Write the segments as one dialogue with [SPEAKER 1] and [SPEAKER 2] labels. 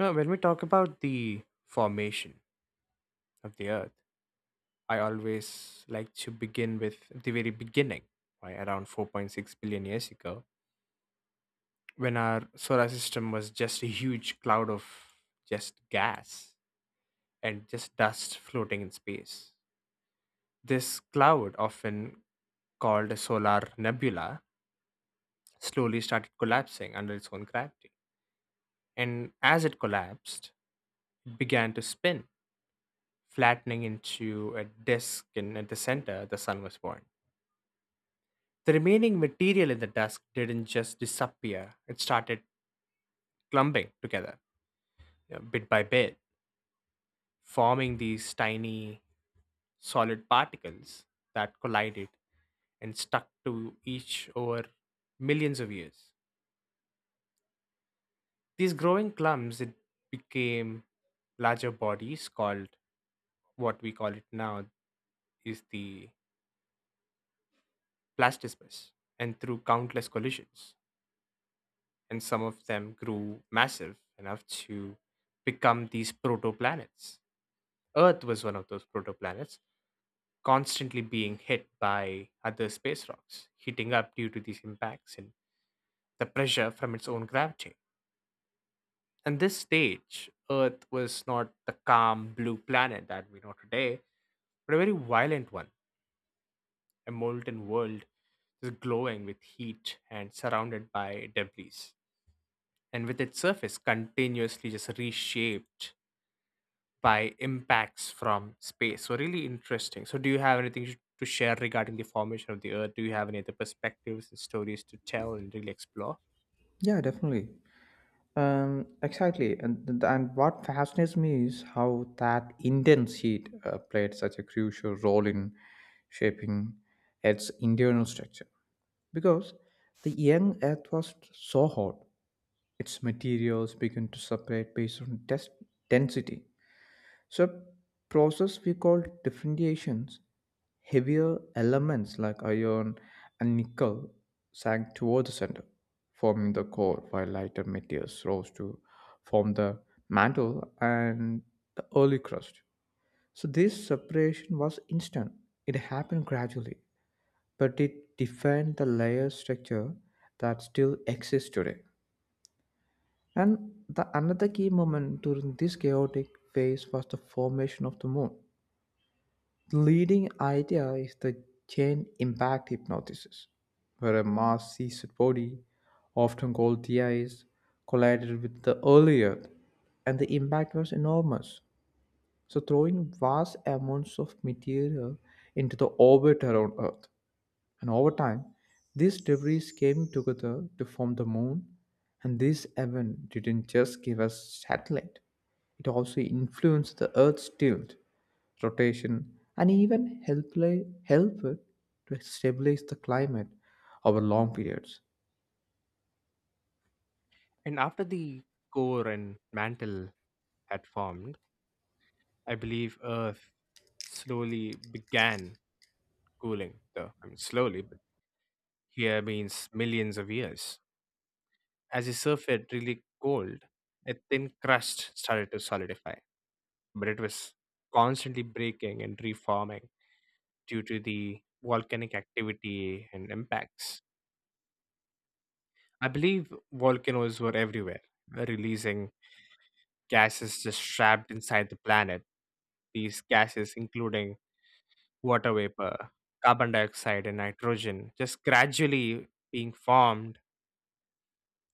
[SPEAKER 1] Now, when we talk about the formation of the Earth, I always like to begin with the very beginning, right, around 4.6 billion years ago, when our solar system was just a huge cloud of just gas and just dust floating in space. This cloud, often called a solar nebula, slowly started collapsing under its own gravity. And as it collapsed, it began to spin flattening into a disk in at the center, the sun was born. The remaining material in the dusk didn't just disappear, it started clumping together, bit by bit, forming these tiny solid particles that collided and stuck to each over millions of years. These growing clumps it became larger bodies called what we call it now is the plastismus and through countless collisions and some of them grew massive enough to become these protoplanets. Earth was one of those protoplanets, constantly being hit by other space rocks, heating up due to these impacts and the pressure from its own gravity. And this stage, Earth was not the calm blue planet that we know today, but a very violent one, a molten world just glowing with heat and surrounded by debris. And with its surface continuously just reshaped by impacts from space. So really interesting. So do you have anything to share regarding the formation of the Earth? Do you have any other perspectives and stories to tell and really explore?
[SPEAKER 2] Yeah, definitely. Exactly. And what fascinates me is how that intense heat played such a crucial role in shaping its internal structure. Because the young Earth was so hot, its materials began to separate based on density, so a process we call differentiations. Heavier elements like iron and nickel sank toward the center, forming the core, while lighter materials rose to form the mantle and the early crust. So this separation was instant. It happened gradually, but it defined the layer structure that still exists today. And the another key moment during this chaotic phase was the formation of the moon. The leading idea is the chain impact hypnosis, where a mass seized body, often called TIS, collided with the early Earth, and the impact was enormous, so throwing vast amounts of material into the orbit around Earth. And over time, these debris came together to form the moon, and this event didn't just give us satellite, it also influenced the Earth's tilt, rotation, and even helped help it to stabilize the climate over long periods.
[SPEAKER 1] And after the core and mantle had formed, I believe Earth slowly began cooling. Though I mean slowly, but here means millions of years. As the surface really cooled, a thin crust started to solidify, but it was constantly breaking and reforming due to the volcanic activity and impacts. I believe volcanoes were everywhere, releasing gases just trapped inside the planet. These gases, including water vapor, carbon dioxide, and nitrogen, just gradually being formed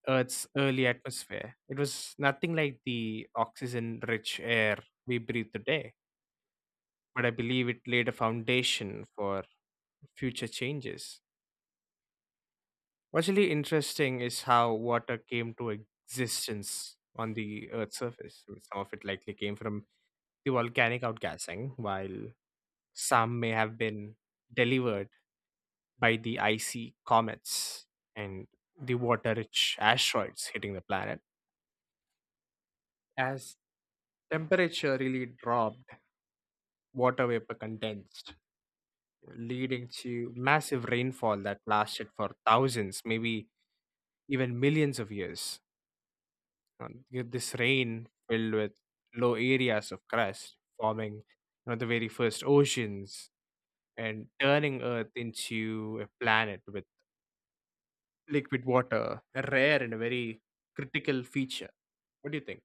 [SPEAKER 1] Earth's early atmosphere. It was nothing like the oxygen rich air we breathe today, but I believe it laid a foundation for future changes. What's really interesting is how water came to existence on the Earth's surface. Some of it likely came from the volcanic outgassing, while some may have been delivered by the icy comets and the water rich asteroids hitting the planet. As temperature really dropped, water vapor condensed, leading to massive rainfall that lasted for thousands, maybe even millions of years know, this rain filled with low areas of crust, forming the very first oceans and turning Earth into a planet with liquid water, a rare and a very critical feature. What do you think?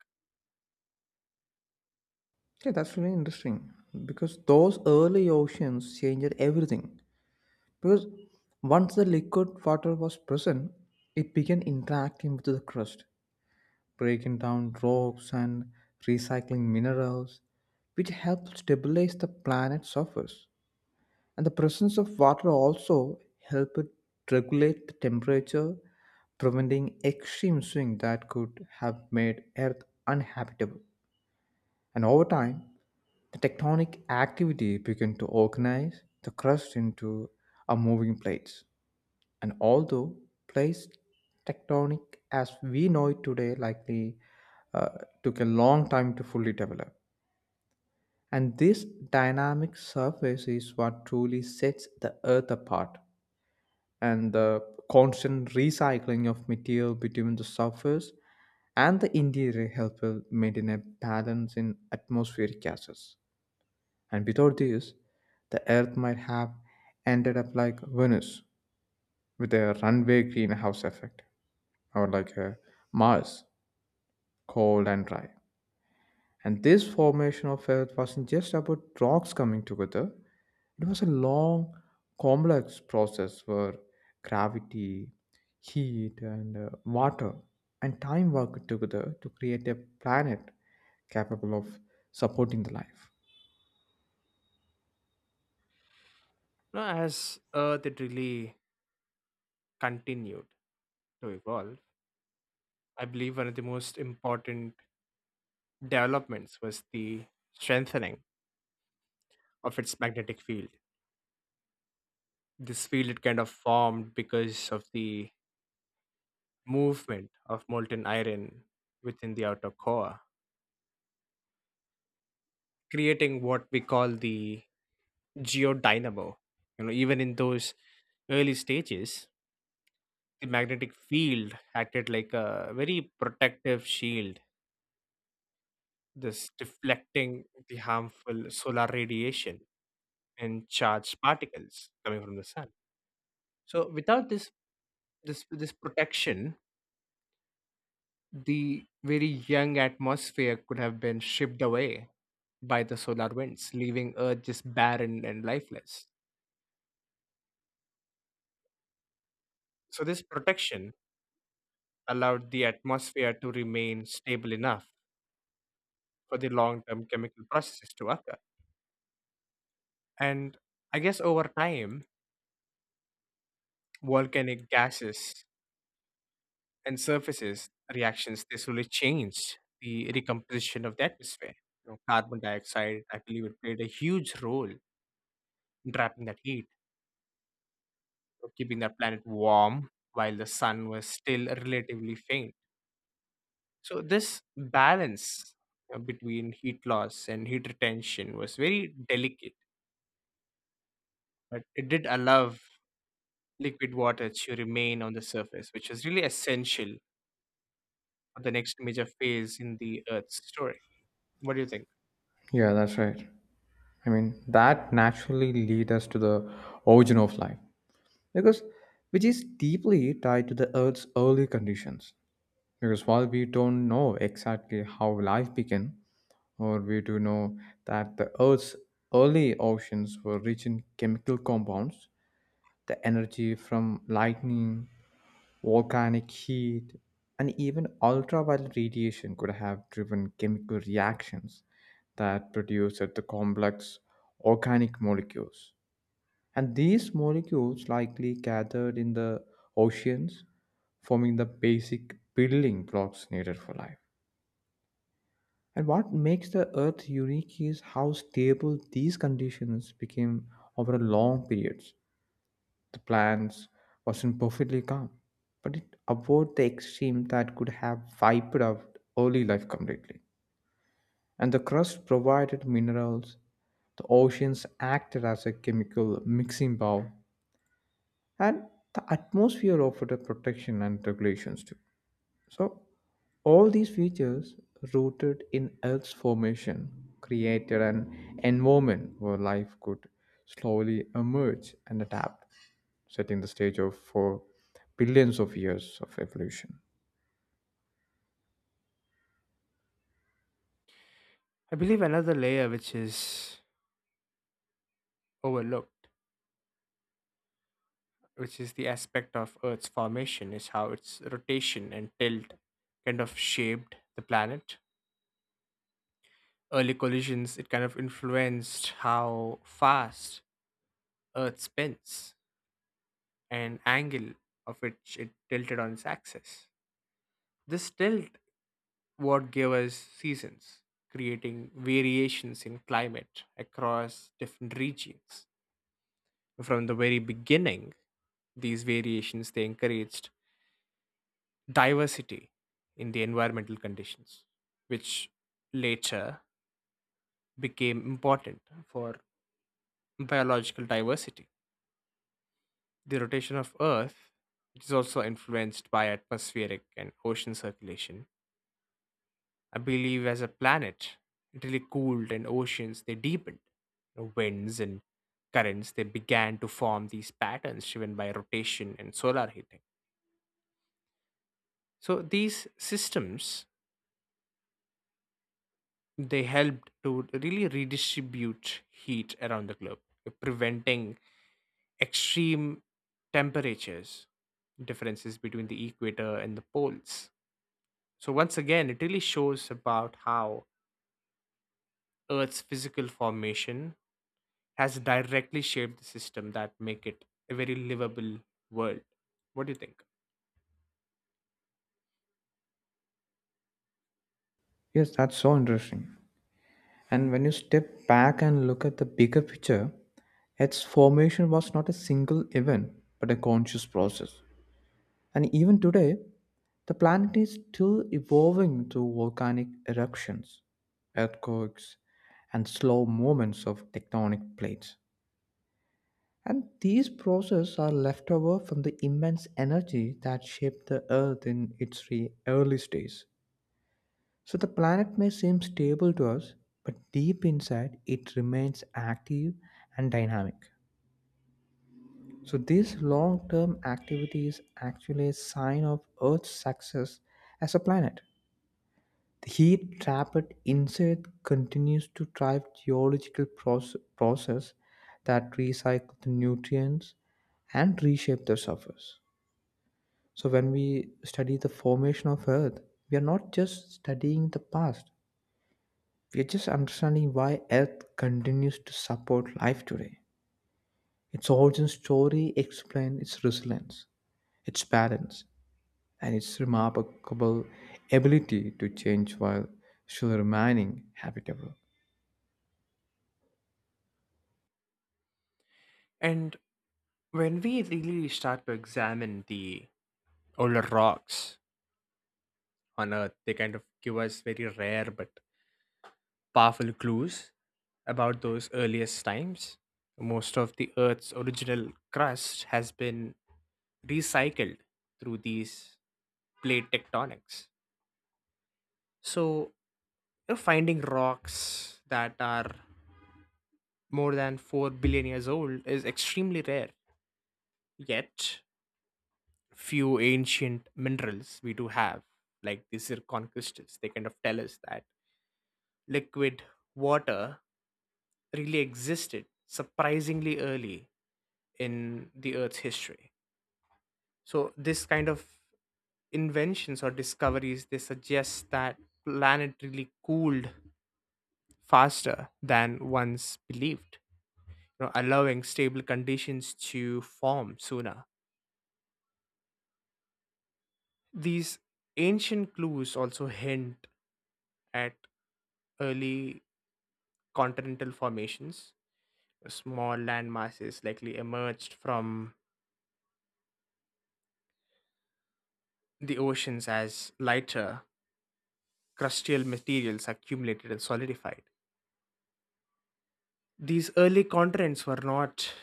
[SPEAKER 2] Yeah, that's really interesting because those early oceans changed everything. Because once the liquid water was present, it began interacting with the crust breaking down rocks and recycling minerals, which help stabilize the planet's surface. And the presence of water also help it regulate the temperature, preventing extreme swings that could have made Earth uninhabitable. And over time, the tectonic activity began to organize the crust into a moving plates and although place tectonic as we know it today likely uh, took a long time to fully develop. And this dynamic surface is what truly sets the Earth apart. And the constant recycling of material between the surface and the interior help it maintain a balance in atmospheric gases. And without this, the Earth might have ended up like Venus with a runaway greenhouse effect, or like Mars, cold and dry. And this formation of Earth wasn't just about rocks coming together, it was a long, complex process where gravity, heat, and water and time worked together to create a planet capable of supporting the life.
[SPEAKER 1] No, as Earth, it really continued to evolve. I believe one of the most important developments was the strengthening of its magnetic field. This field it kind of formed because of the movement of molten iron within the outer core, creating what we call the geodynamo. Even in those early stages, the magnetic field acted like a very protective shield, thus deflecting the harmful solar radiation and charged particles coming from the sun. So, without this protection, the very young atmosphere could have been shipped away by the solar winds, leaving Earth just barren and lifeless. So, this protection allowed the atmosphere to remain stable enough for the long term chemical processes to occur. And I guess over time, volcanic gases and surfaces reactions they slowly changed the recomposition of the atmosphere. You know, carbon dioxide, I believe, it played a huge role in trapping that heat of keeping the planet warm while the sun was still relatively faint. So, this balance between heat loss and heat retention was very delicate, but it did allow liquid water to remain on the surface, which was really essential for the next major phase in the Earth's story. What do you think?
[SPEAKER 2] Yeah, that's right. I mean, that naturally leads us to the origin of life, because which is deeply tied to the Earth's early conditions. Because while we don't know exactly how life began, or we do know that the Earth's early oceans were rich in chemical compounds, the energy from lightning, volcanic heat, and even ultraviolet radiation could have driven chemical reactions that produced the complex organic molecules. And these molecules likely gathered in the oceans, forming the basic building blocks needed for life. And what makes the Earth unique is how stable these conditions became over a long periods. The plants wasn't perfectly calm, but it avoided the extreme that could have wiped out early life completely. And the crust provided minerals, the oceans acted as a chemical mixing bowl, and the atmosphere offered a protection and regulations too. So, all these features, rooted in Earth's formation, created an environment where life could slowly emerge and adapt, setting the stage of for billions of years of evolution.
[SPEAKER 1] I believe another layer which is overlooked, which is the aspect of Earth's formation, is how its rotation and tilt kind of shaped the planet early collisions, it kind of influenced how fast Earth spins and angle of which it tilted on its axis. This tilt what gave us seasons, creating variations in climate across different regions. From the very beginning, these variations they encouraged diversity in the environmental conditions, which later became important for biological diversity. The rotation of Earth, which is also influenced by atmospheric and ocean circulation, I believe as a planet, it really cooled and oceans they deepened. Winds and currents they began to form these patterns driven by rotation and solar heating. So these systems they helped to really redistribute heat around the globe, preventing extreme temperatures differences between the equator and the poles. So once again, it really shows about how Earth's physical formation has directly shaped the system that make it a very livable world. What do you think?
[SPEAKER 2] Yes, that's so interesting. And when you step back and look at the bigger picture, its formation was not a single event, but a conscious process. And even today, the planet is still evolving through volcanic eruptions, earthquakes, and slow movements of tectonic plates. And these processes are left over from the immense energy that shaped the Earth in its earliest days. So the planet may seem stable to us, but deep inside it remains active and dynamic. So this long-term activity is actually a sign of Earth's success as a planet. The heat trapped inside continues to drive geological process that recycle the nutrients and reshape the surface. So when we study the formation of Earth, we are not just studying the past. We are just understanding why Earth continues to support life today. Its origin story explains its resilience, its balance, and its remarkable ability to change while still remaining habitable.
[SPEAKER 1] And when we really start to examine the older rocks on Earth, they kind of give us very rare but powerful clues about those earliest times. Most of the Earth's original crust has been recycled through these plate tectonics. So finding rocks that are more than 4 billion years old is extremely rare. Yet, few ancient minerals we do have, like the zircon crystals, they kind of tell us that liquid water really existed surprisingly early in the Earth's history. So, this kind of inventions or discoveries they suggest that planet really cooled faster than once believed allowing stable conditions to form sooner. These ancient clues also hint at early continental formations. Small land masses likely emerged from the oceans as lighter crustal materials accumulated and solidified. These early continents were not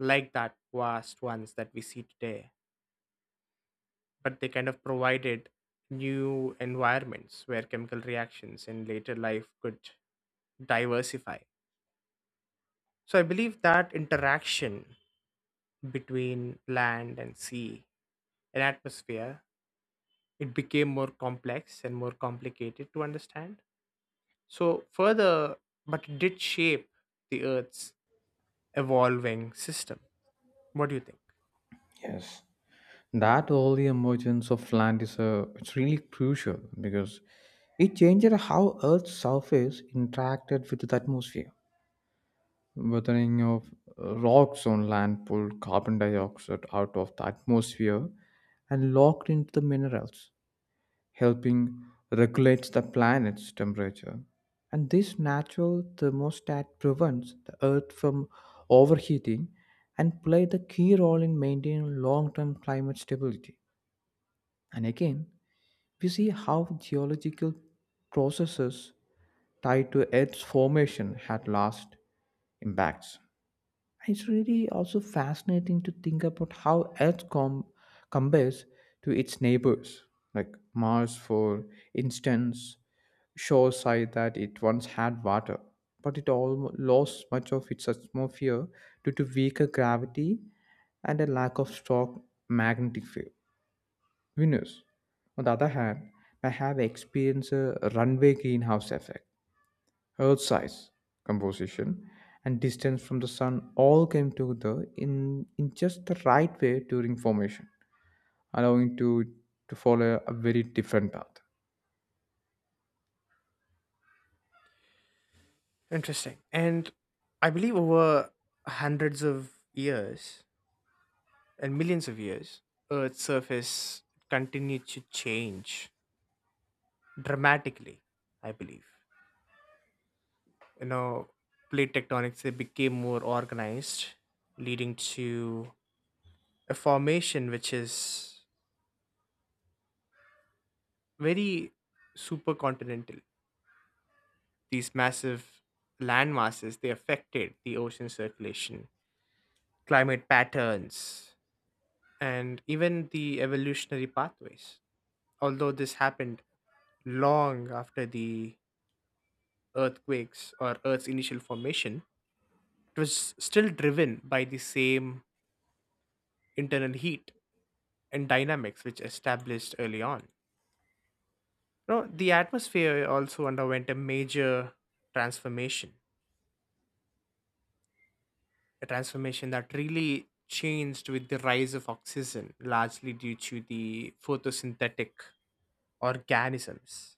[SPEAKER 1] like that vast ones that we see today but they kind of provided new environments where chemical reactions in later life could diversify. So I believe that interaction between land and sea and atmosphere it became more complex and more complicated to understand. So further, but it did shape the Earth's evolving system. What do you think?
[SPEAKER 2] Yes, that early emergence of land is a it's really crucial because it changed how Earth's surface interacted with the atmosphere. Weathering of rocks on land pulled carbon dioxide out of the atmosphere and locked into the minerals, helping regulate the planet's temperature. And this natural thermostat prevents the Earth from overheating and played a key role in maintaining long-term climate stability. And again, we see how geological processes tied to Earth's formation had last impacts. It's really also fascinating to think about how Earth compares to its neighbors, like Mars, for instance, shows side that it once had water, but it all lost much of its atmosphere due to weaker gravity and a lack of strong magnetic field. Venus, on the other hand, may have experienced a runway greenhouse effect. Earth size, composition, and distance from the sun all came together in just the right way during formation, allowing to follow a very different path.
[SPEAKER 1] Interesting. And I believe over hundreds of years, and millions of years, Earth's surface continued to change dramatically, I believe. You know, plate tectonics they became more organized, leading to a formation which is very supercontinental. These massive land masses they affected the ocean circulation, climate patterns, and even the evolutionary pathways. Although this happened long after the earthquakes or Earth's initial formation, it was still driven by the same internal heat and dynamics which established early on. Now, the atmosphere also underwent a major transformation, a transformation that really changed with the rise of oxygen, largely due to the photosynthetic organisms.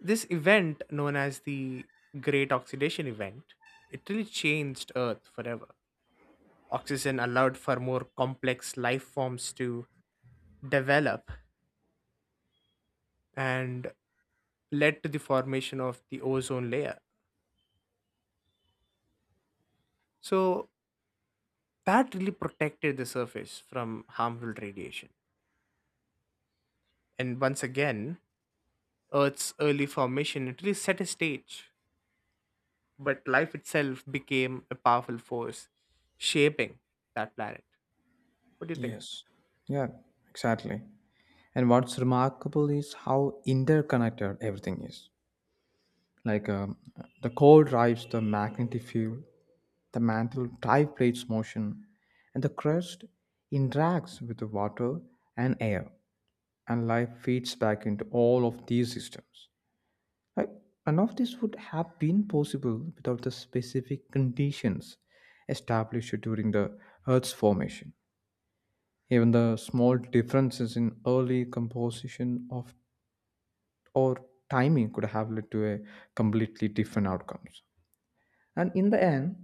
[SPEAKER 1] This event, known as the Great Oxidation Event, it really changed Earth forever. Oxygen allowed for more complex life forms to develop and led to the formation of the ozone layer. So that really protected the surface from harmful radiation. And once again, Earth's early formation it really set a stage, but life itself became a powerful force shaping that planet. What do you think?
[SPEAKER 2] Yes. Yeah, exactly. And what's remarkable is how interconnected everything is. Like the core drives the magnetic field, the mantle triplates motion, and the crust interacts with the water and air, and life feeds back into all of these systems. Like, none of this would have been possible without the specific conditions established during the Earth's formation. Even the small differences in early composition of or timing could have led to a completely different outcomes. And in the end,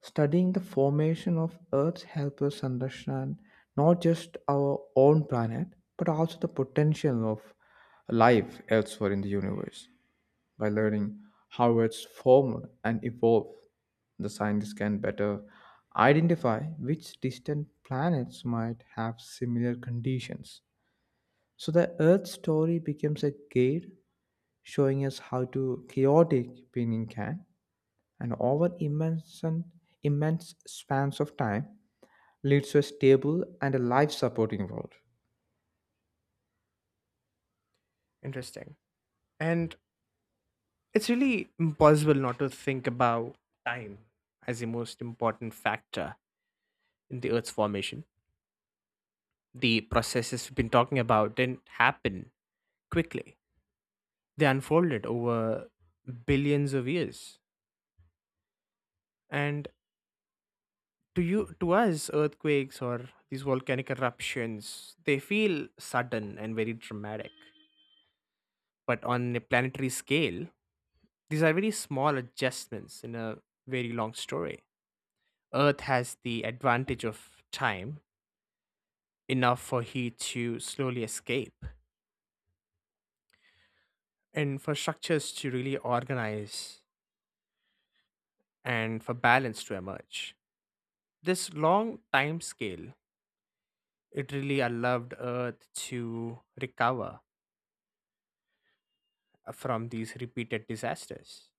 [SPEAKER 2] studying the formation of Earth helps us understand not just our own planet, but also the potential of life elsewhere in the universe. By learning how it's formed and evolved, the scientists can better identify which distant planets might have similar conditions. So the Earth story becomes a guide showing us how to chaotic being can and over immense spans of time leads to a stable and a life supporting world.
[SPEAKER 1] Interesting. And it's really impossible not to think about time as the most important factor in the Earth's formation the processes we've been talking about didn't happen quickly. They unfolded over billions of years. And to us, earthquakes or these volcanic eruptions, they feel sudden and very dramatic. But on a planetary scale, these are very small adjustments in a very long story. Earth has the advantage of time, enough for heat to slowly escape, and for structures to really organize and for balance to emerge. This long time scale it really allowed earth to recover from these repeated disasters.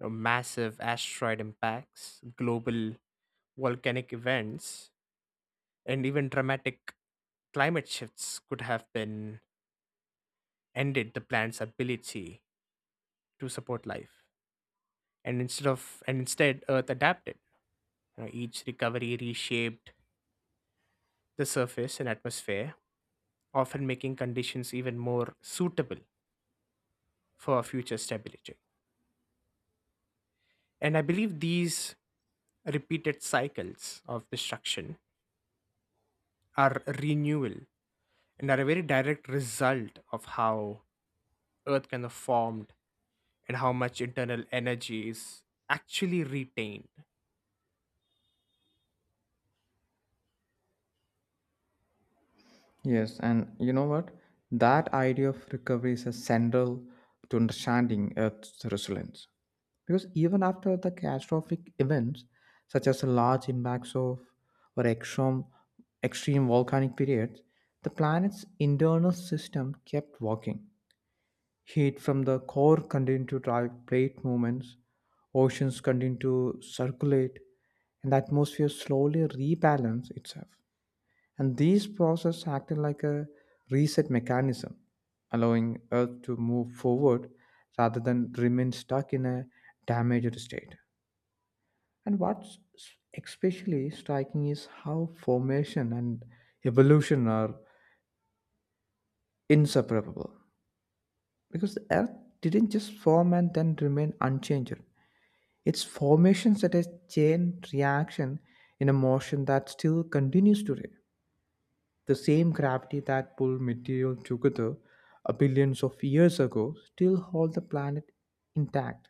[SPEAKER 1] Massive asteroid impacts global volcanic events and even dramatic climate shifts could have been ended the plant's ability to support life and instead earth adapted. Each recovery reshaped the surface and atmosphere often making conditions even more suitable for future stability. And I believe these repeated cycles of destruction are renewal and are a very direct result of how Earth kind of formed and how much internal energy is actually retained.
[SPEAKER 2] Yes, and you know what? That idea of recovery is a central to understanding Earth's resilience. Because even after the catastrophic events, such as large impacts of or extreme volcanic periods, the planet's internal system kept working. Heat from the core continued to drive plate movements, oceans continued to circulate, and the atmosphere slowly rebalanced itself. And these processes acted like a reset mechanism, allowing Earth to move forward rather than remain stuck in a damaged state. And what's especially striking is how formation and evolution are inseparable because the Earth didn't just form and then remain unchanged. Its formation set a chain reaction in a motion that still continues today. The same gravity that pulled material together a billions of years ago still holds the planet intact.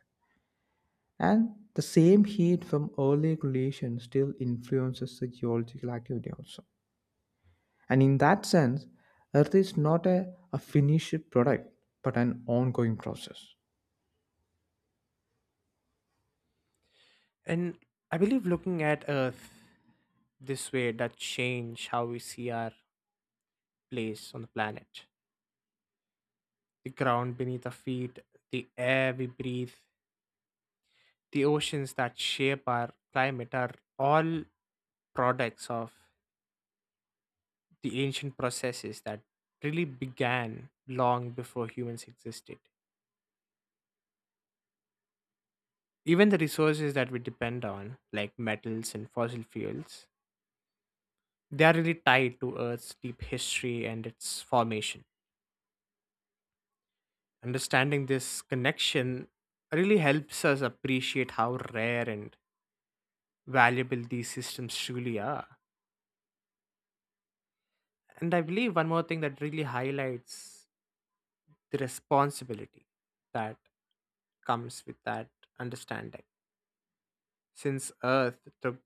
[SPEAKER 2] And the same heat from early collisions still influences the geological activity also. And in that sense, Earth is not a finished product, but an ongoing process.
[SPEAKER 1] And I believe looking at Earth this way that change how we see our place on the planet. The ground beneath our feet, the air we breathe, the oceans that shape our climate are all products of the ancient processes that really began long before humans existed. Even the resources that we depend on, like metals and fossil fuels, they are really tied to Earth's deep history and its formation. Understanding this connection really helps us appreciate how rare and valuable these systems truly are. And I believe one more thing that really highlights the responsibility that comes with that understanding. Since Earth took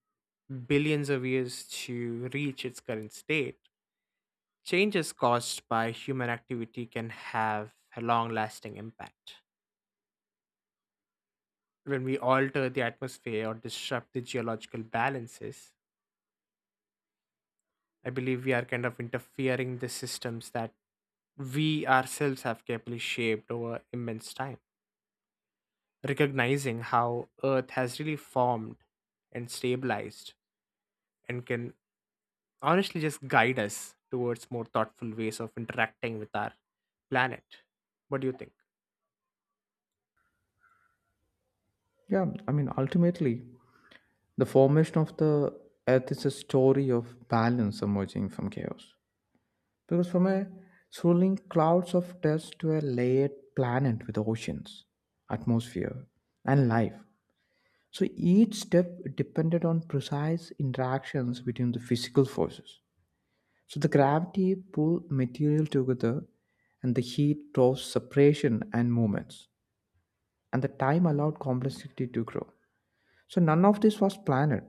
[SPEAKER 1] billions of years to reach its current state, changes caused by human activity can have a long lasting impact. When we alter the atmosphere or disrupt the geological balances, I believe we are kind of interfering the systems that we ourselves have carefully shaped over immense time. Recognizing how Earth has really formed and stabilized and can honestly just guide us towards more thoughtful ways of interacting with our planet. What do you think?
[SPEAKER 2] Yeah, I mean, ultimately, the formation of the earth is a story of balance emerging from chaos. Because from a swirling clouds of dust to a layered planet with oceans, atmosphere, and life. So each step depended on precise interactions between the physical forces. So the gravity pulled material together and the heat drove separation and movements. And the time allowed complexity to grow. So none of this was planned,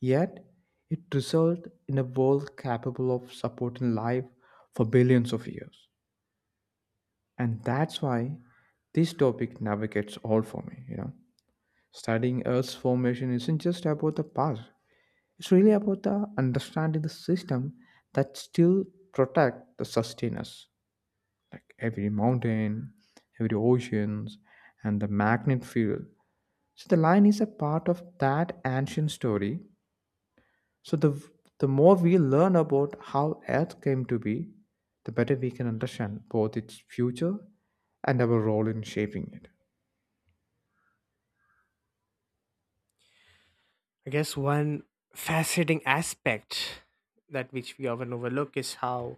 [SPEAKER 2] yet it resulted in a world capable of supporting life for billions of years. And that's why this topic navigates all for me, you know. Studying Earth's formation isn't just about the past. It's really about the understanding the system that still protect the sustain. Like every mountain, every oceans, and the magnet field. So the line is a part of that ancient story. So the more we learn about how Earth came to be, the better we can understand both its future and our role in shaping it.
[SPEAKER 1] I guess one fascinating aspect that which we often overlook is how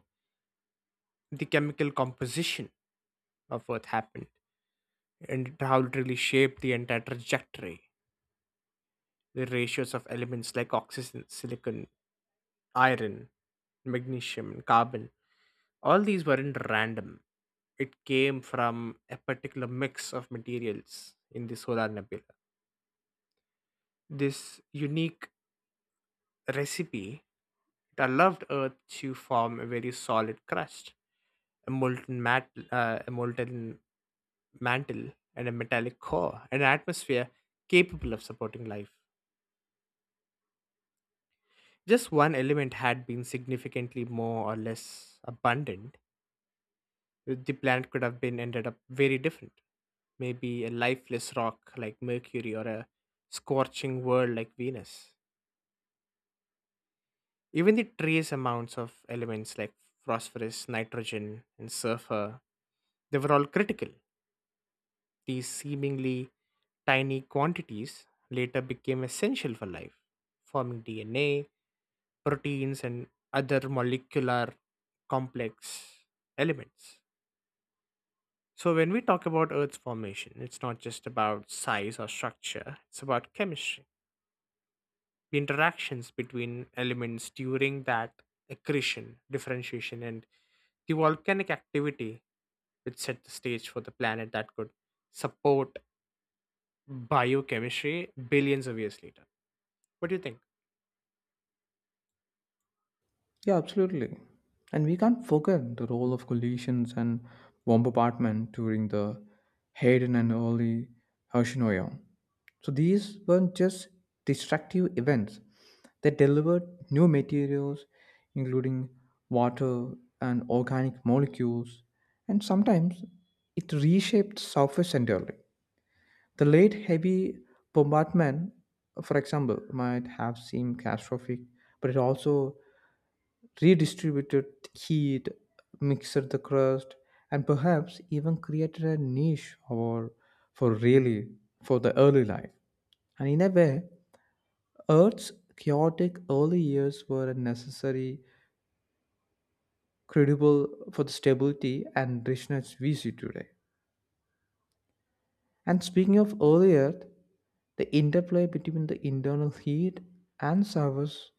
[SPEAKER 1] the chemical composition of Earth happened and how it really shaped the entire trajectory. The ratios of elements like oxygen, silicon, iron, magnesium, and carbon, all these weren't random. It came from a particular mix of materials in the solar nebula this unique recipe that loved earth to form a very solid crust, a molten mantle, and a metallic core, an atmosphere capable of supporting life. Just one element had been significantly more or less abundant, the planet could have been ended up very different. Maybe a lifeless rock like Mercury or a scorching world like Venus. Even the trace amounts of elements like phosphorus, nitrogen, and sulfur they were all critical. These seemingly tiny quantities later became essential for life, forming DNA, proteins, and other molecular complex elements. So, when we talk about Earth's formation, it's not just about size or structure, it's about chemistry, the interactions between elements during that accretion, differentiation, and the volcanic activity which set the stage for the planet that could support biochemistry billions of years later. What do you think?
[SPEAKER 2] Yeah, absolutely. And we can't forget the role of collisions and bombardment during the Heian and early Hoshinoya. So these weren't just destructive events. They delivered new materials, including water and organic molecules, and sometimes it reshaped surface entirely. The late heavy bombardment, for example, might have seemed catastrophic, but it also redistributed heat, mixed the crust, and perhaps even created a niche or for really for the early life. And in a way, Earth's chaotic early years were a necessary, credible for the stability and richness we see today. And speaking of early Earth, the interplay between the internal heat and surface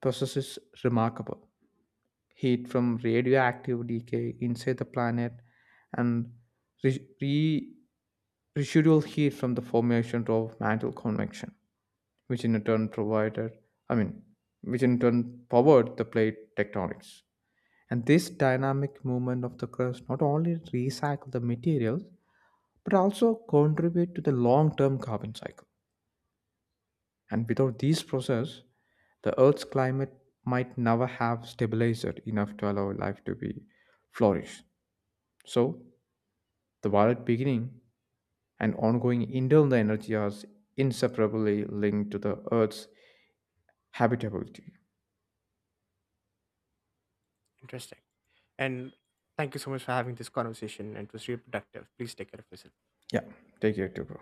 [SPEAKER 2] process is remarkable. Heat from radioactive decay inside the planet and re- re- residual heat from the formation of mantle convection, which in turn provided, I mean, which in turn powered the plate tectonics. And this dynamic movement of the crust not only recycle the materials but also contribute to the long-term carbon cycle. And without these process, the Earth's climate might never have stabilized enough to allow life to be flourish. So, the violent beginning and ongoing internal energy are inseparably linked to the Earth's habitability.
[SPEAKER 1] Interesting. And thank you so much for having this conversation. It was really productive. Please take care of yourself.
[SPEAKER 2] Yeah, take care too, bro.